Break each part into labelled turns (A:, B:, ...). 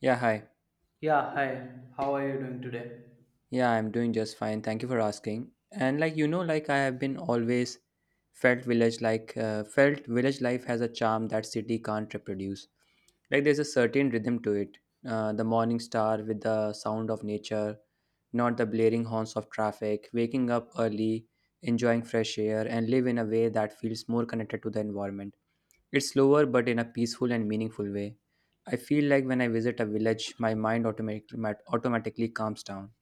A: Yeah, hi.
B: Yeah, hi. How are you doing today?
A: Yeah, I'm doing just fine. Thank you for asking. And I have been always felt village felt village life has a charm that city can't reproduce. Like there's a certain rhythm to it. The morning star with the sound of nature, not the blaring horns of traffic. Waking up early, enjoying fresh air, and live in a way that feels more connected to the environment. It's slower, but in a peaceful and meaningful way. I feel like when I visit a village, my mind automatically calms down.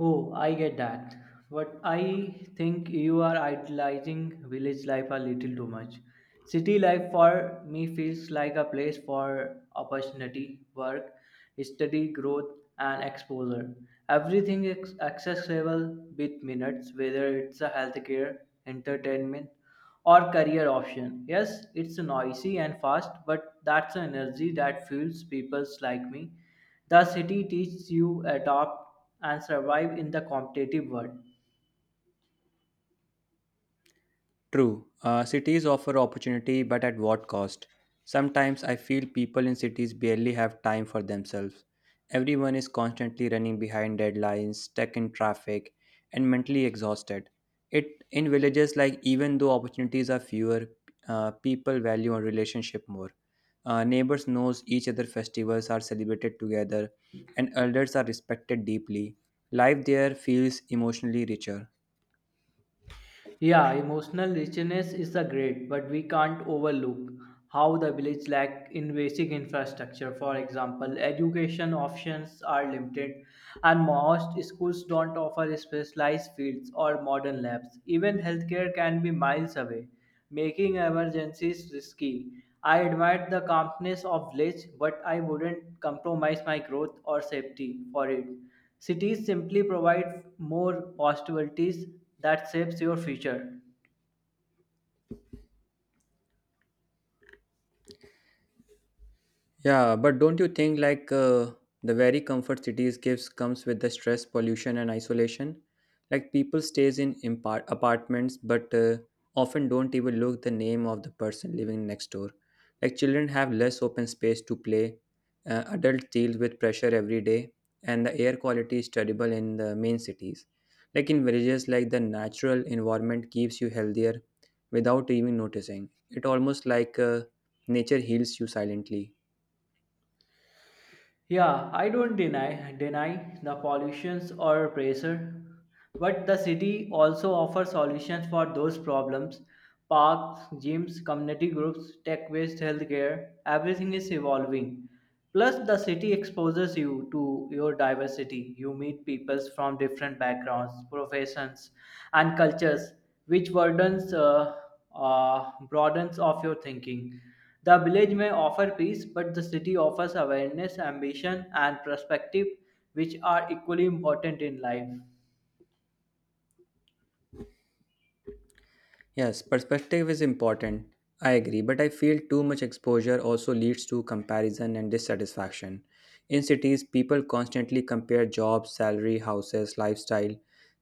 B: Oh, I get that. But I think you are idolizing village life a little too much. City life for me feels like a place for opportunity, work, study, growth, and exposure. Everything is accessible with minutes, whether it's a healthcare, entertainment, or career option. Yes, it's noisy and fast, but that's an energy that fuels people like me. The city teaches you adapt and survive in the competitive world.
A: True, cities offer opportunity, but at what cost? Sometimes I feel people in cities barely have time for themselves. Everyone is constantly running behind deadlines, stuck in traffic, and mentally exhausted. It in villages, like even though opportunities are fewer, people value on relationship more. Neighbors knows each other. Festivals are celebrated together, and elders are respected deeply. Life there feels emotionally richer.
B: Yeah, emotional richness is a great, but we can't overlook how the village lack in basic infrastructure. For example, education options are limited, and most schools don't offer specialized fields or modern labs. Even healthcare can be miles away, making emergencies risky. I admired the calmness of village, but I wouldn't compromise my growth or safety for it. Cities simply provide more possibilities that shapes your future.
A: Yeah, but don't you think the very comfort cities gives comes with the stress, pollution, and isolation? Like people stays in apartments, but often don't even look the name of the person living next door. Like children have less open space to play. Adults deal with pressure every day, and the air quality is terrible in the main cities. Like in villages, like the natural environment keeps you healthier without even noticing. It almost like nature heals you silently.
B: Yeah, I don't deny the pollutions or pressure, but the city also offers solutions for those problems. Parks, gyms, community groups, tech based healthcare, everything is evolving. Plus, the city exposes you to your diversity. You meet people from different backgrounds, professions, and cultures, which broadens of your thinking. The village may offer peace, but the city offers awareness, ambition, and perspective, which are equally important in life.
A: Yes, perspective is important. I agree, but I feel too much exposure also leads to comparison and dissatisfaction. In cities, people constantly compare jobs, salary, houses, lifestyle.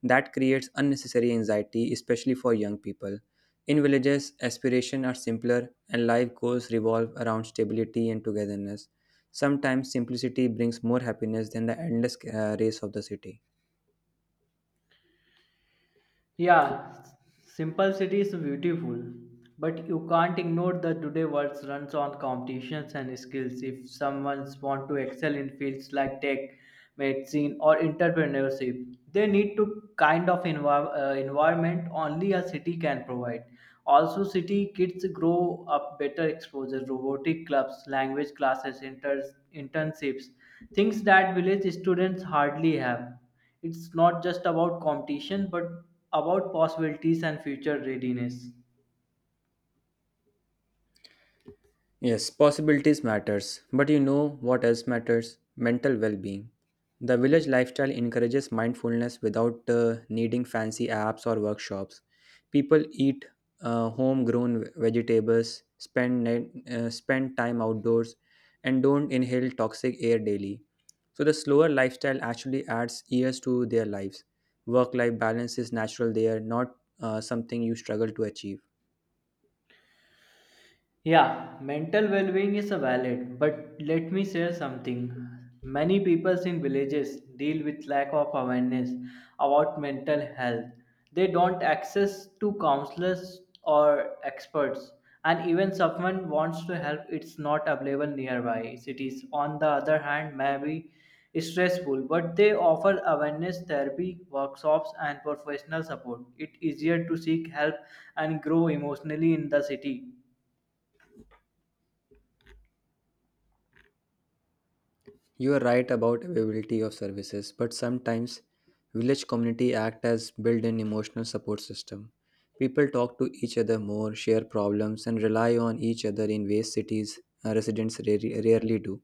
A: That creates unnecessary anxiety, especially for young people. In villages, aspirations are simpler and life goals revolve around stability and togetherness. Sometimes simplicity brings more happiness than the endless race of the city.
B: Yeah, simple is beautiful, but you can't ignore the today world runs on competitions and skills. If someone wants to excel in fields like tech, medicine, or entrepreneurship, they need to kind of environment only a city can provide. Also, city kids grow up better exposure, robotic clubs, language classes, internships, things that village students hardly have. It's not just about competition, but about possibilities and future readiness.
A: Yes, possibilities matters, but you know what else matters? Mental well-being. The village lifestyle encourages mindfulness without needing fancy apps or workshops. People eat homegrown vegetables, spend time outdoors, and don't inhale toxic air daily. So the slower lifestyle actually adds years to their lives. Work-life balance is natural there, not something you struggle to achieve.
B: Yeah, mental well being is a valid, but let me share something. Many people in villages deal with lack of awareness about mental health. They don't access to counselors or experts, and even someone wants to help, it's not available nearby. Cities, on the other hand, may be stressful, but they offer awareness therapy, workshops, and professional support. It's easier to seek help and grow emotionally in the city.
A: You are right about availability of services, but sometimes village community act as built-in emotional support system. People talk to each other more, share problems, and rely on each other in ways cities residents rarely do.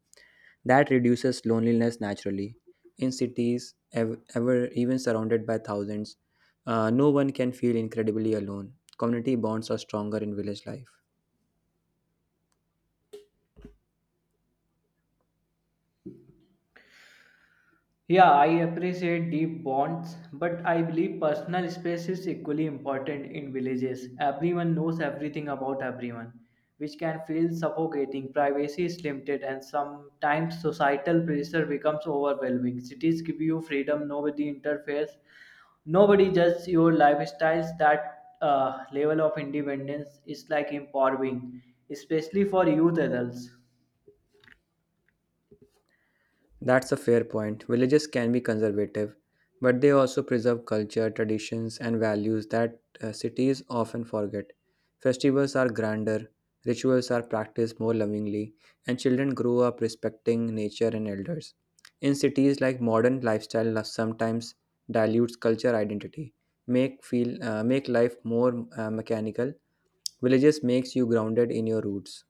A: That reduces loneliness naturally. In cities, ev- ever even surrounded by thousands, no one can feel incredibly alone. Community bonds are stronger in village life.
B: Yeah, I appreciate deep bonds, but I believe personal space is equally important in villages. Everyone knows everything about everyone, which can feel suffocating. Privacy is limited, and sometimes societal pressure becomes overwhelming. Cities give you freedom, nobody interferes, nobody judges your lifestyles. That level of independence is like empowering, especially for youth adults.
A: That's a fair point. Villages can be conservative, but they also preserve culture, traditions, and values that cities often forget. Festivals are grander, rituals are practiced more lovingly, and children grow up respecting nature and elders. In cities, like modern lifestyle sometimes dilutes culture identity, make life more mechanical. Villages makes you grounded in your roots.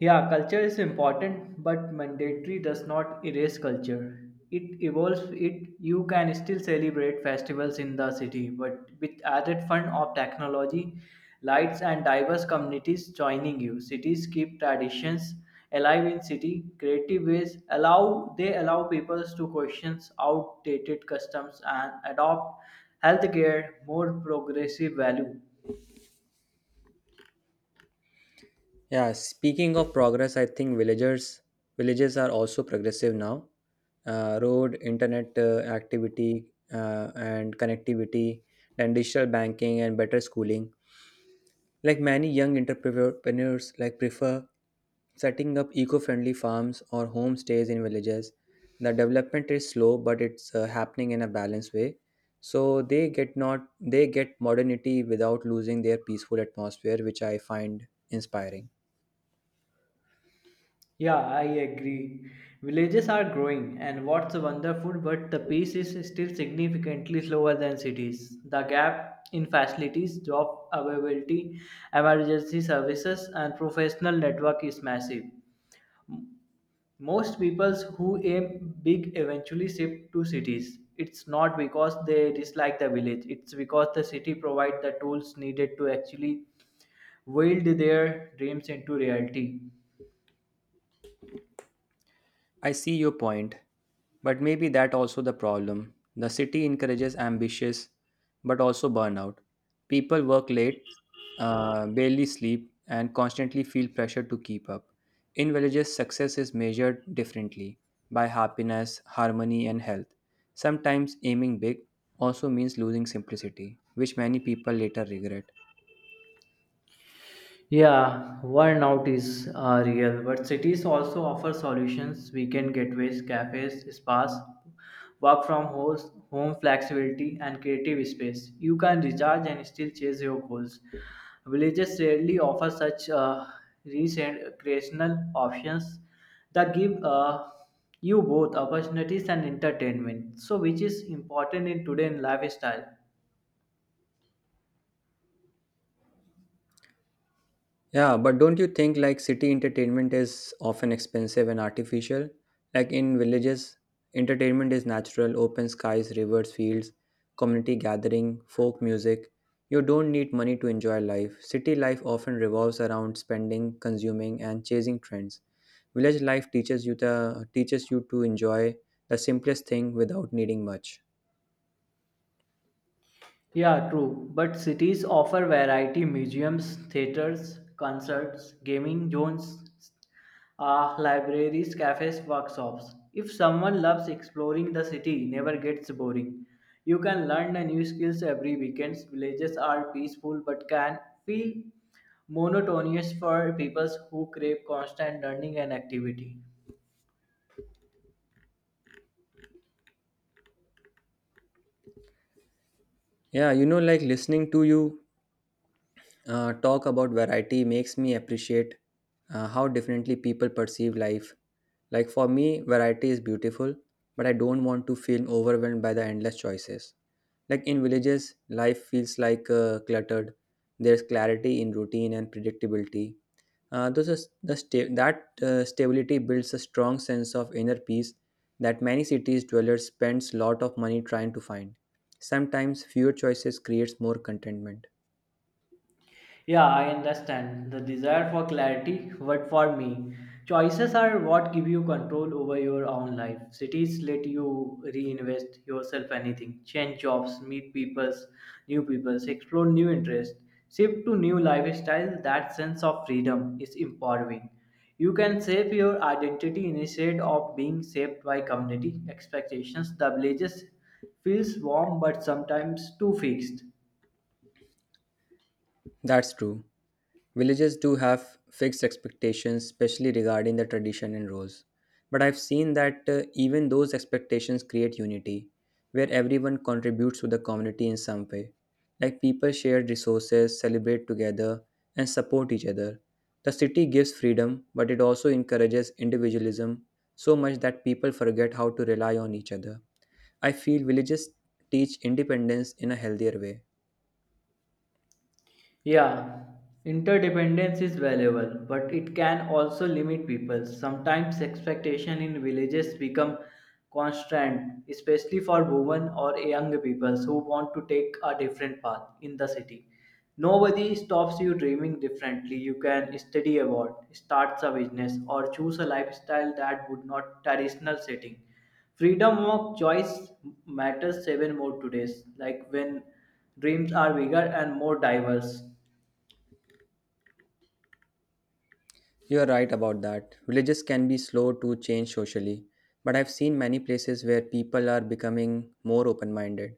B: Yeah, culture is important, but mandatory does not erase culture. It evolves it you can still celebrate festivals in the city, but with added fun of technology, lights and diverse communities joining you. Cities keep traditions alive in city, creative ways allow they allow people to question outdated customs and adopt healthcare more progressive value.
A: Yeah, speaking of progress, I think villagers villages are also progressive now. Road, internet activity, and connectivity, and digital banking and better schooling. Like many young entrepreneurs, like prefer setting up eco-friendly farms or homestays in villages. The development is slow, but it's happening in a balanced way. So they get not they get modernity without losing their peaceful atmosphere, which I find inspiring.
B: Yeah, I agree. Villages are growing, and what's wonderful, but the pace is still significantly slower than cities. The gap in facilities, job availability, emergency services, and professional network is massive. Most people who aim big eventually shift to cities. It's not because they dislike the village, it's because the city provides the tools needed to actually wield their dreams into reality.
A: I see your point, but maybe that also the problem. The city encourages ambitious but also burnout. People work late, barely sleep, and constantly feel pressure to keep up. In villages, success is measured differently by happiness, harmony, and health. Sometimes aiming big also means losing simplicity, which many people later regret.
B: Yeah, burnout is real, but cities also offer solutions. Weekend getaways, cafes, spas, work from homes, home flexibility, and creative space. You can recharge and still chase your goals. Villages rarely offer such rich and recreational options that give you both opportunities and entertainment. So, which is important in today's lifestyle.
A: Yeah, but don't you think like city entertainment is often expensive and artificial? Like in villages, entertainment is natural, open skies, rivers, fields, community gathering, folk music. You don't need money to enjoy life. City life often revolves around spending, consuming and chasing trends. Village life teaches you to enjoy the simplest thing without needing much.
B: Yeah, true. But cities offer variety museums, theaters, concerts, gaming zones, libraries, cafes, workshops. If someone loves exploring the city, never gets boring. You can learn a new skills every weekend. Villages are peaceful but can feel monotonous for people who crave constant learning and activity.
A: Yeah, you know like listening to you talk about variety makes me appreciate how differently people perceive life. Like for me, variety is beautiful, but I don't want to feel overwhelmed by the endless choices. Like in villages, life feels like cluttered. There's clarity in routine and predictability. Those are, the sta- that Stability builds a strong sense of inner peace that many cities dwellers spends lot of money trying to find. Sometimes fewer choices creates more contentment.
B: Yeah, I understand the desire for clarity, but for me, choices are what give you control over your own life. Cities let you reinvest yourself anything, change jobs, meet peoples, new peoples, explore new interests, shift to new lifestyle. That sense of freedom is empowering. You can shape your identity instead of being shaped by community expectations. The villages feels warm but sometimes too fixed.
A: That's true. Villages do have fixed expectations, especially regarding the tradition and roles. But I've seen that even those expectations create unity, where everyone contributes to the community in some way. Like people share resources, celebrate together, and support each other. The city gives freedom, but it also encourages individualism so much that people forget how to rely on each other. I feel villages teach independence in a healthier way.
B: Yeah, interdependence is valuable, but it can also limit people. Sometimes expectation in villages become constant, especially for women or young people who want to take a different path in the city. Nobody stops you dreaming differently. You can study abroad, start a business, or choose a lifestyle that would not traditional setting. Freedom of choice matters even more today, like when dreams are bigger and more diverse.
A: You are right about that. Villages can be slow to change socially, but I've seen many places where people are becoming more open minded.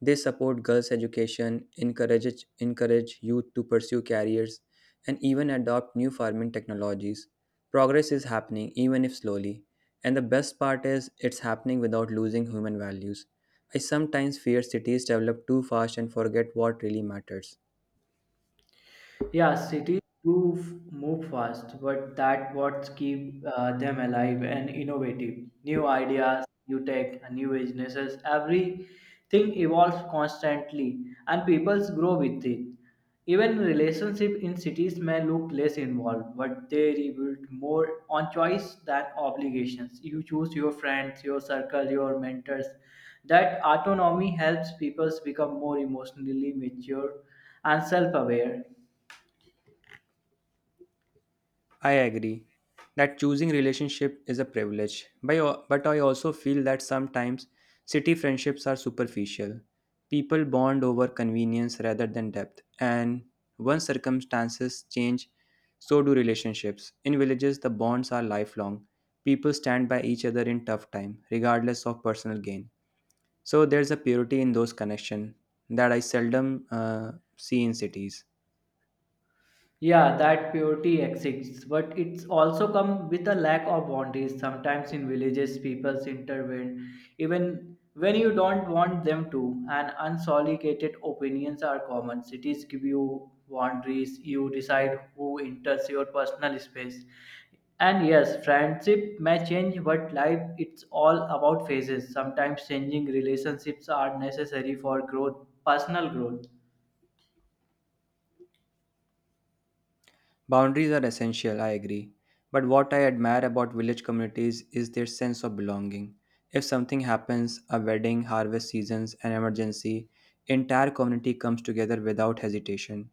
A: They support girls' education, encourage youth to pursue careers, and even adopt new farming technologies. Progress is happening, even if slowly. And the best part is, it's happening without losing human values. I sometimes fear cities develop too fast and forget what really matters.
B: Yeah, cities do move fast, but that what keep them alive and innovative. New ideas, new tech, and new businesses. Everything evolves constantly, and peoples grow with it. Even relationship in cities may look less involved, but they rebuild more on choice than obligations. You choose your friends, your circle, your mentors. That autonomy helps peoples become more emotionally mature and self-aware.
A: I agree that choosing relationship is a privilege, but I also feel that sometimes city friendships are superficial. People bond over convenience rather than depth, and once circumstances change, so do relationships. In villages, the bonds are lifelong. People stand by each other in tough time, regardless of personal gain. So there's a purity in those connections that I seldom see in cities.
B: Yeah, that purity exists, but it's also come with a lack of boundaries. Sometimes in villages, people intervene even when you don't want them to, and unsolicited opinions are common. Cities give you boundaries, you decide who enters your personal space. And yes, friendship may change, but life it's all about phases. Sometimes changing relationships are necessary for growth, personal growth.
A: Boundaries are essential, I agree. But what I admire about village communities is their sense of belonging. If something happens, a wedding, harvest seasons, an emergency, entire community comes together without hesitation.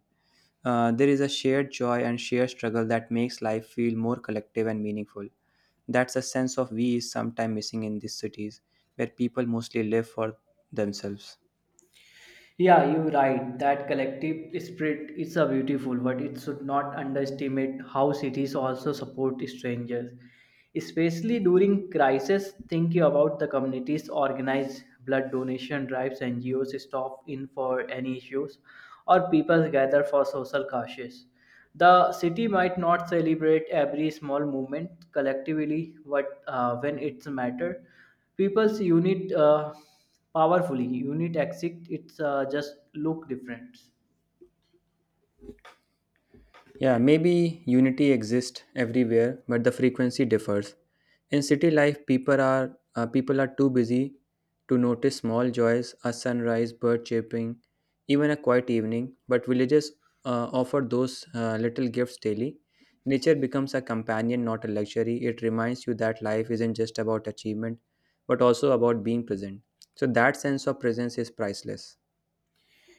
A: There is a shared joy and shared struggle that makes life feel more collective and meaningful. That's a sense of we is sometimes missing in these cities, where people mostly live for themselves.
B: Yeah, you're right. That collective spirit is a beautiful, but it should not underestimate how cities also support strangers, especially during crisis. Thinking about the communities organize blood donation drives, NGOs stop in for any issues, or people gather for social causes. The city might not celebrate every small movement collectively, but when it's matter, people's unit powerfully. Unit exit, it's just look different.
A: Yeah, maybe unity exists everywhere, but the frequency differs. In city life, people are too busy to notice small joys, a sunrise, bird chirping, even a quiet evening. But villages offer those little gifts daily. Nature becomes a companion, not a luxury. It reminds you that life isn't just about achievement, but also about being present. So that sense of presence is priceless.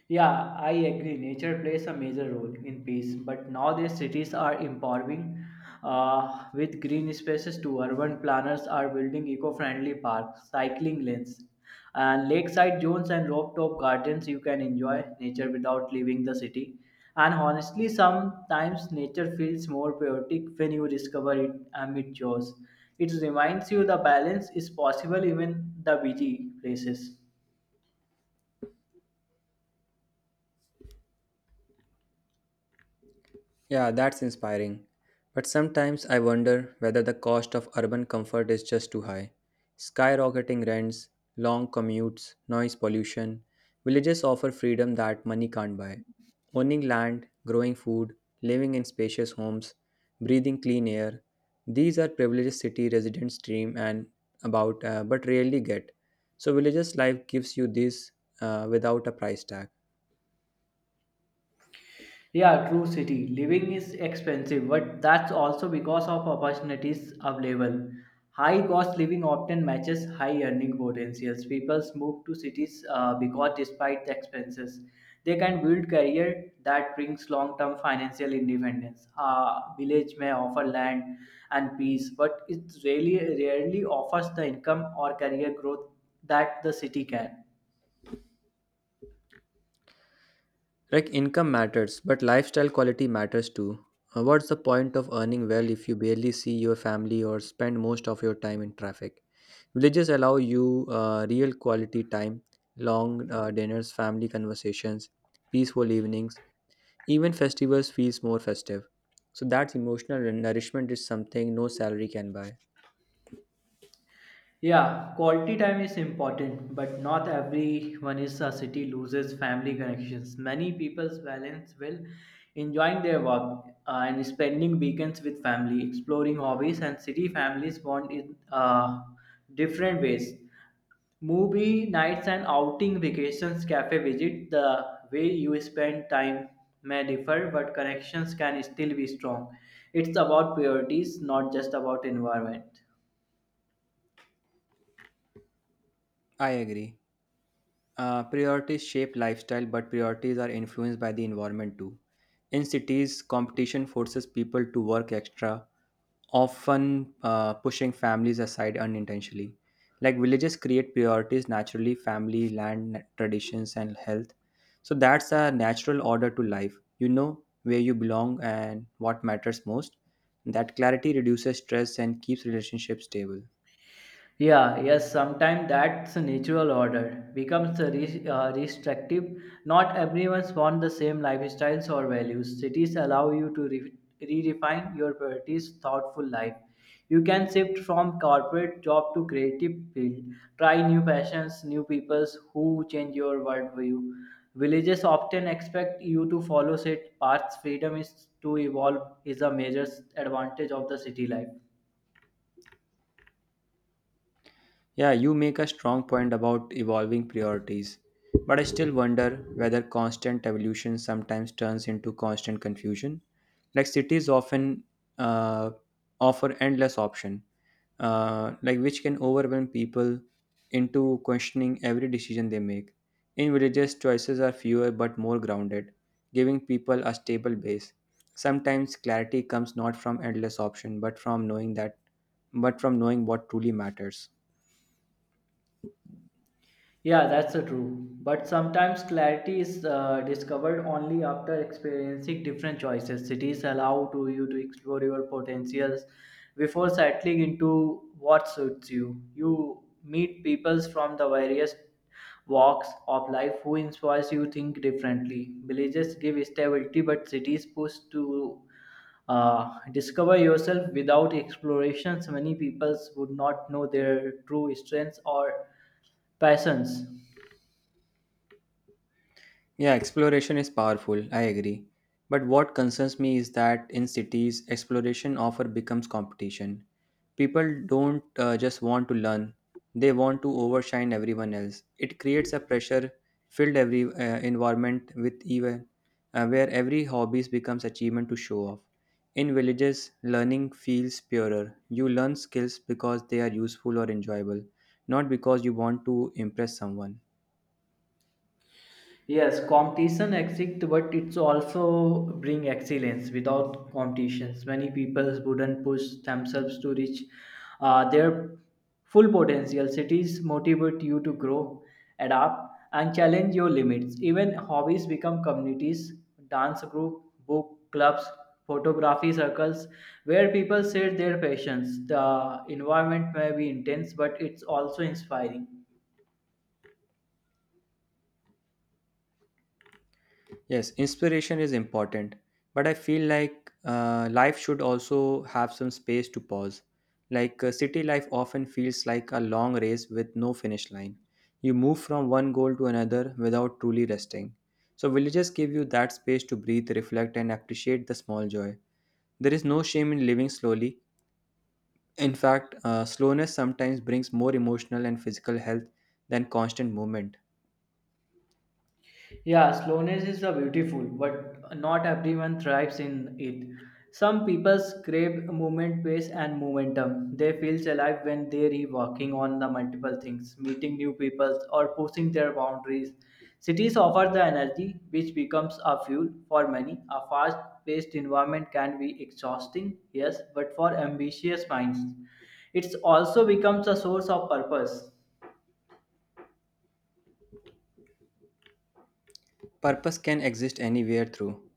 B: Yeah, I agree. Nature plays a major role in peace, but nowadays cities are improving with green spaces to urban planners are building eco-friendly parks, cycling lanes, and lakeside zones and rooftop gardens. You can enjoy nature without leaving the city. And honestly, sometimes nature feels more poetic when you discover it amid chores. It reminds you the balance is possible even the busy places.
A: Yeah, that's inspiring. But sometimes I wonder whether the cost of urban comfort is just too high. Skyrocketing rents, long commutes, noise pollution. Villages offer freedom that money can't buy. Owning land, growing food, living in spacious homes, breathing clean air. These are privileges city residents dream and about but rarely get. So villages life gives you this without a price tag.
B: Yeah, true city. Living is expensive, but that's also because of opportunities available. High cost living often matches high earning potentials. People move to cities because despite the expenses, they can build career that brings long-term financial independence. Village may offer land and peace, but it really rarely offers the income or career growth that the city can.
A: Like income matters, but lifestyle quality matters too. What's the point of earning well if you barely see your family or spend most of your time in traffic? Villages allow you real quality time, long dinners, family conversations, peaceful evenings. Even festivals feels more festive. So that emotional nourishment is something no salary can buy.
B: Yeah, quality time is important, but not everyone is a city loses family connections. Many people's balance will enjoying their work and spending weekends with family, exploring hobbies, and city families bond in different ways. Movie nights and outing vacations, cafe visit, the way you spend time may differ, but connections can still be strong. It's about priorities, not just about environment.
A: I agree. Priorities shape lifestyle, but priorities are influenced by the environment too. In cities, competition forces people to work extra, often pushing families aside unintentionally. Like villages create priorities naturally family, land, traditions, and health. So that's a natural order to life. You know where you belong and what matters most. That clarity reduces stress and keeps relationships stable.
B: Yeah, yes, sometimes that's a natural order becomes a restrictive. Not everyone's wants the same lifestyles or values. Cities allow you to redefine your priorities, thoughtful life. You can shift from corporate job to creative field. Try new passions, new peoples who change your worldview. Villages often expect you to follow set paths. Freedom is to evolve is a major advantage of the city life.
A: Yeah, you make a strong point about evolving priorities, but I still wonder whether constant evolution sometimes turns into constant confusion. Like cities often uh, offer endless option, like which can overwhelm people into questioning every decision they make. In villages, choices are fewer but more grounded, giving people a stable base. Sometimes clarity comes not from endless option, but from knowing what truly matters.
B: Yeah, that's true. But sometimes clarity is discovered only after experiencing different choices. Cities allow to you to explore your potentials before settling into what suits you. You meet peoples from the various walks of life who inspires you think differently. Villages give stability, but cities push to discover yourself without explorations. Many peoples would not know their true strengths or passions.
A: Yeah, exploration is powerful, I agree. But what concerns me is that in cities, exploration often becomes competition. People don't just want to learn, they want to overshine everyone else. It creates a pressure filled every environment with even where every hobbies becomes achievement to show off. In villages, learning feels purer. You learn skills because they are useful or enjoyable, not because you want to impress someone.
B: Yes, competition exists, but it's also bring excellence. Without competitions, many people wouldn't push themselves to reach their full potential. Cities motivate you to grow, adapt, and challenge your limits. Even hobbies become communities, dance group, book clubs, photography circles, where people share their passions. The environment may be intense, but it's also inspiring.
A: Yes, inspiration is important, but I feel like life should also have some space to pause. City life often feels like a long race with no finish line. You move from one goal to another without truly resting. So, villages give you that space to breathe, reflect, and appreciate the small joy. There is no shame in living slowly. In fact, slowness sometimes brings more emotional and physical health than constant movement.
B: Yeah, slowness is a beautiful, but not everyone thrives in it. Some people crave movement, pace, and momentum. They feel alive when they're working on the multiple things, meeting new people, or pushing their boundaries. Cities offer the energy, which becomes a fuel for many. A fast-paced environment can be exhausting, yes, but for ambitious minds, it also becomes a source of purpose.
A: Purpose can exist anywhere through.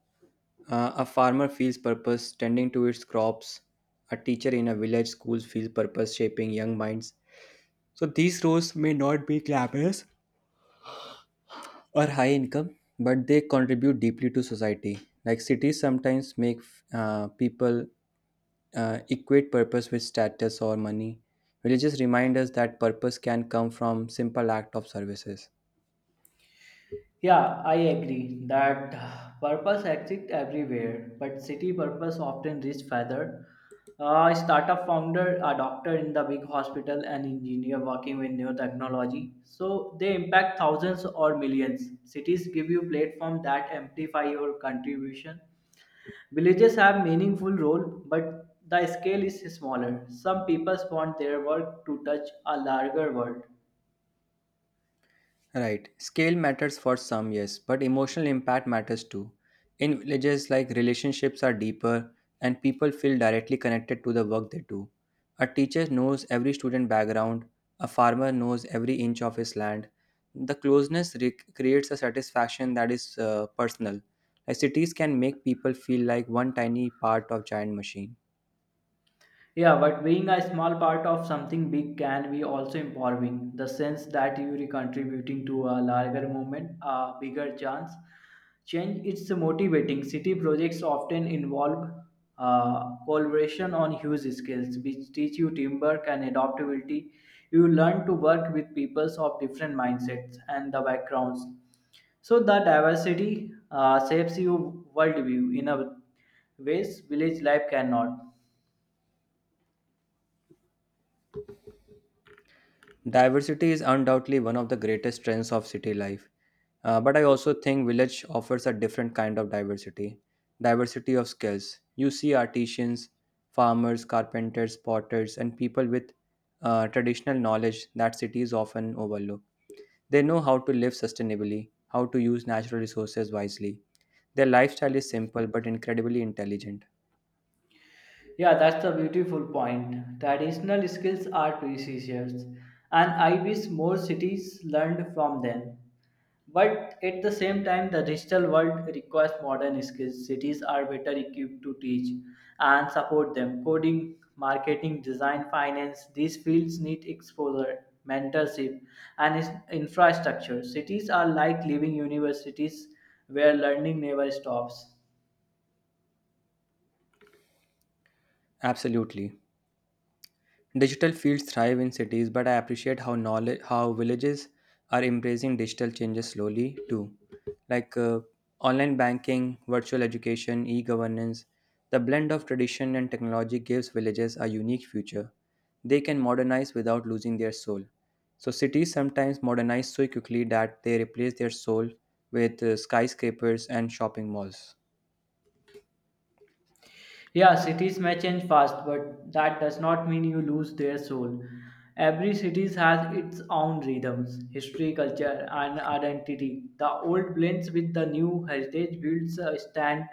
A: A farmer feels purpose tending to its crops. A teacher in a village school feels purpose shaping young minds. So these roles may not be glamorous or high income, but they contribute deeply to society. Like cities sometimes make people equate purpose with status or money. Villages remind us that purpose can come from simple act of services.
B: Yeah, I agree that purpose exists everywhere, but city purpose often reach further. A startup founder, a doctor in the big hospital, an engineer working with new technology. So they impact thousands or millions. Cities give you platform that amplify your contribution. Villages have meaningful role, but the scale is smaller. Some people want their work to touch a larger world.
A: Right. Scale matters for some, yes, but emotional impact matters too. In villages, like relationships are deeper and people feel directly connected to the work they do. A teacher knows every student background, a farmer knows every inch of his land. The closeness creates a satisfaction that is personal. Like cities can make people feel like one tiny part of giant machine.
B: Yeah, but being a small part of something big can be also empowering. The sense that you are contributing to a larger movement, a bigger chance, change. It's motivating. City projects often involve collaboration on huge scales, which teach you teamwork and adaptability. You learn to work with peoples of different mindsets and the backgrounds. So the diversity shapes your worldview in a ways village life cannot.
A: Diversity is undoubtedly one of the greatest strengths of city life. But I also think village offers a different kind of diversity, diversity of skills. You see artisans, farmers, carpenters, potters, and people with traditional knowledge that cities often overlook. They know how to live sustainably, how to use natural resources wisely. Their lifestyle is simple but incredibly intelligent.
B: Yeah, that's the beautiful point. Traditional skills are precious, and I wish more cities learned from them. But at the same time, the digital world requires modern skills. Cities are better equipped to teach and support them. Coding, marketing, design, finance, these fields need exposure, mentorship, and infrastructure. Cities are like living universities where learning never stops.
A: Absolutely. Digital fields thrive in cities, but I appreciate how knowledge, how villages are embracing digital changes slowly too, like online banking, virtual education, e-governance. The blend of tradition and technology gives villages a unique future. They can modernize without losing their soul. So cities sometimes modernize so quickly that they replace their soul with skyscrapers and shopping malls.
B: Yeah, cities may change fast, but that does not mean you lose their soul. Every city has its own rhythms, history, culture, and identity. The old blends with the new heritage builds a stand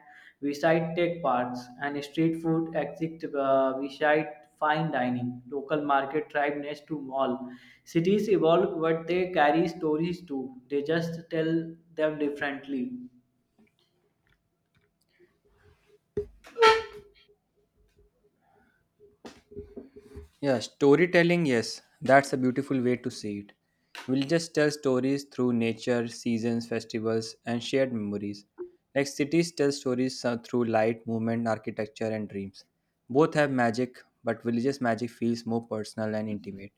B: beside tech parks and street food exit beside fine dining, local market tribe next to mall. Cities evolve, but they carry stories too. They just tell them differently.
A: Yeah, storytelling, yes, that's a beautiful way to see it. We'll just tell stories through nature, seasons, festivals, and shared memories. Like cities tell stories through light, movement, architecture, and dreams. Both have magic, but religious magic feels more personal and intimate.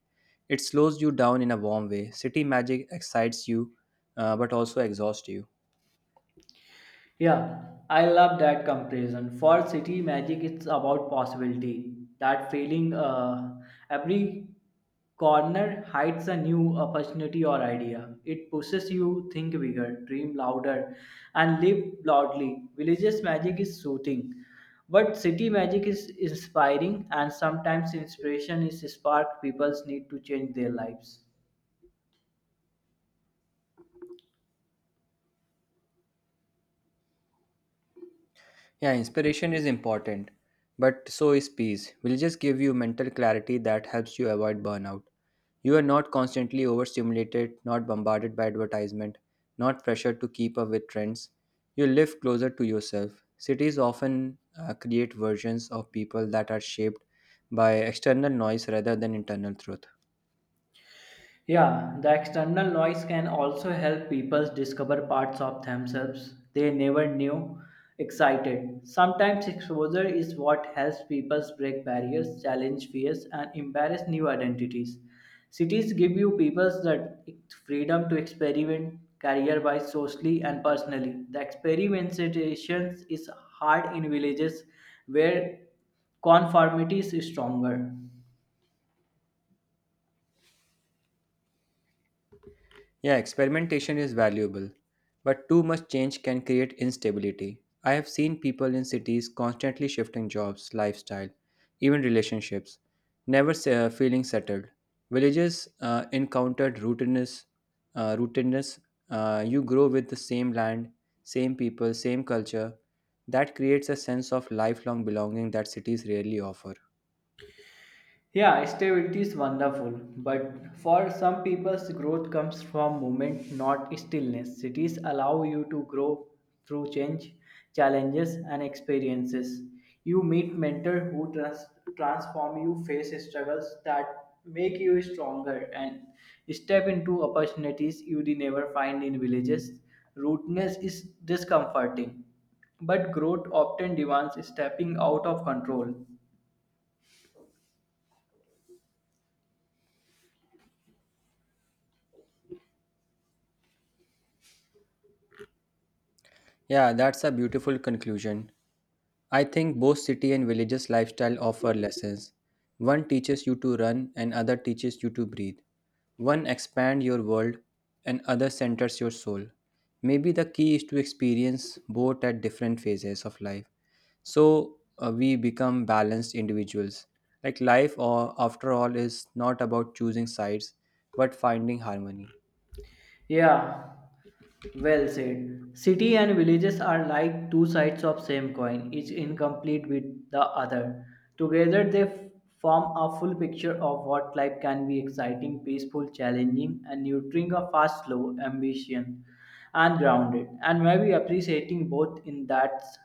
A: It slows you down in a warm way. City magic excites you, but also exhausts you.
B: Yeah, I love that comparison. For city magic, it's about possibility. That feeling, every corner hides a new opportunity or idea. It pushes you think bigger, dream louder, and live loudly. Villages magic is soothing, but city magic is inspiring, and sometimes inspiration is spark people's need to change their lives.
A: Yeah, inspiration is important, but so is peace. Will just give you mental clarity that helps you avoid burnout. You are not constantly overstimulated, not bombarded by advertisement, not pressured to keep up with trends. You live closer to yourself. Cities often create versions of people that are shaped by external noise rather than internal truth.
B: Yeah, the external noise can also help people discover parts of themselves they never knew excited. Sometimes exposure is what helps people break barriers, challenge fears, and embrace new identities. Cities give you people the freedom to experiment career wise, socially, and personally. The experimentation is hard in villages where conformity is stronger.
A: Yeah, experimentation is valuable, but too much change can create instability. I have seen people in cities constantly shifting jobs, lifestyle, even relationships, never feeling settled. Villages encountered rootedness, uh, rootedness. You grow with the same land, same people, same culture. That creates a sense of lifelong belonging that cities rarely offer.
B: Yeah, stability is wonderful, but for some people's growth comes from movement, not stillness. Cities allow you to grow through change, challenges, and experiences. You meet mentors who transform you, face struggles that make you stronger, and step into opportunities you would never find in villages. Rootness is discomforting, but growth often demands stepping out of control.
A: Yeah, that's a beautiful conclusion. I think both city and villages lifestyle offer lessons. One teaches you to run and other teaches you to breathe. One expand your world and other centers your soul. Maybe the key is to experience both at different phases of life. So we become balanced individuals. Like life or after all is not about choosing sides but finding harmony.
B: Yeah, well said. City and villages are like two sides of same coin, each incomplete with the other. Together they form a full picture of what life can be exciting, peaceful, challenging, and nurturing a fast, slow, ambition, and grounded. And maybe appreciating both in that's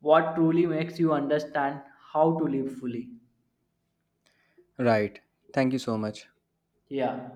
B: what truly makes you understand how to live fully.
A: Right. Thank you so much.
B: Yeah.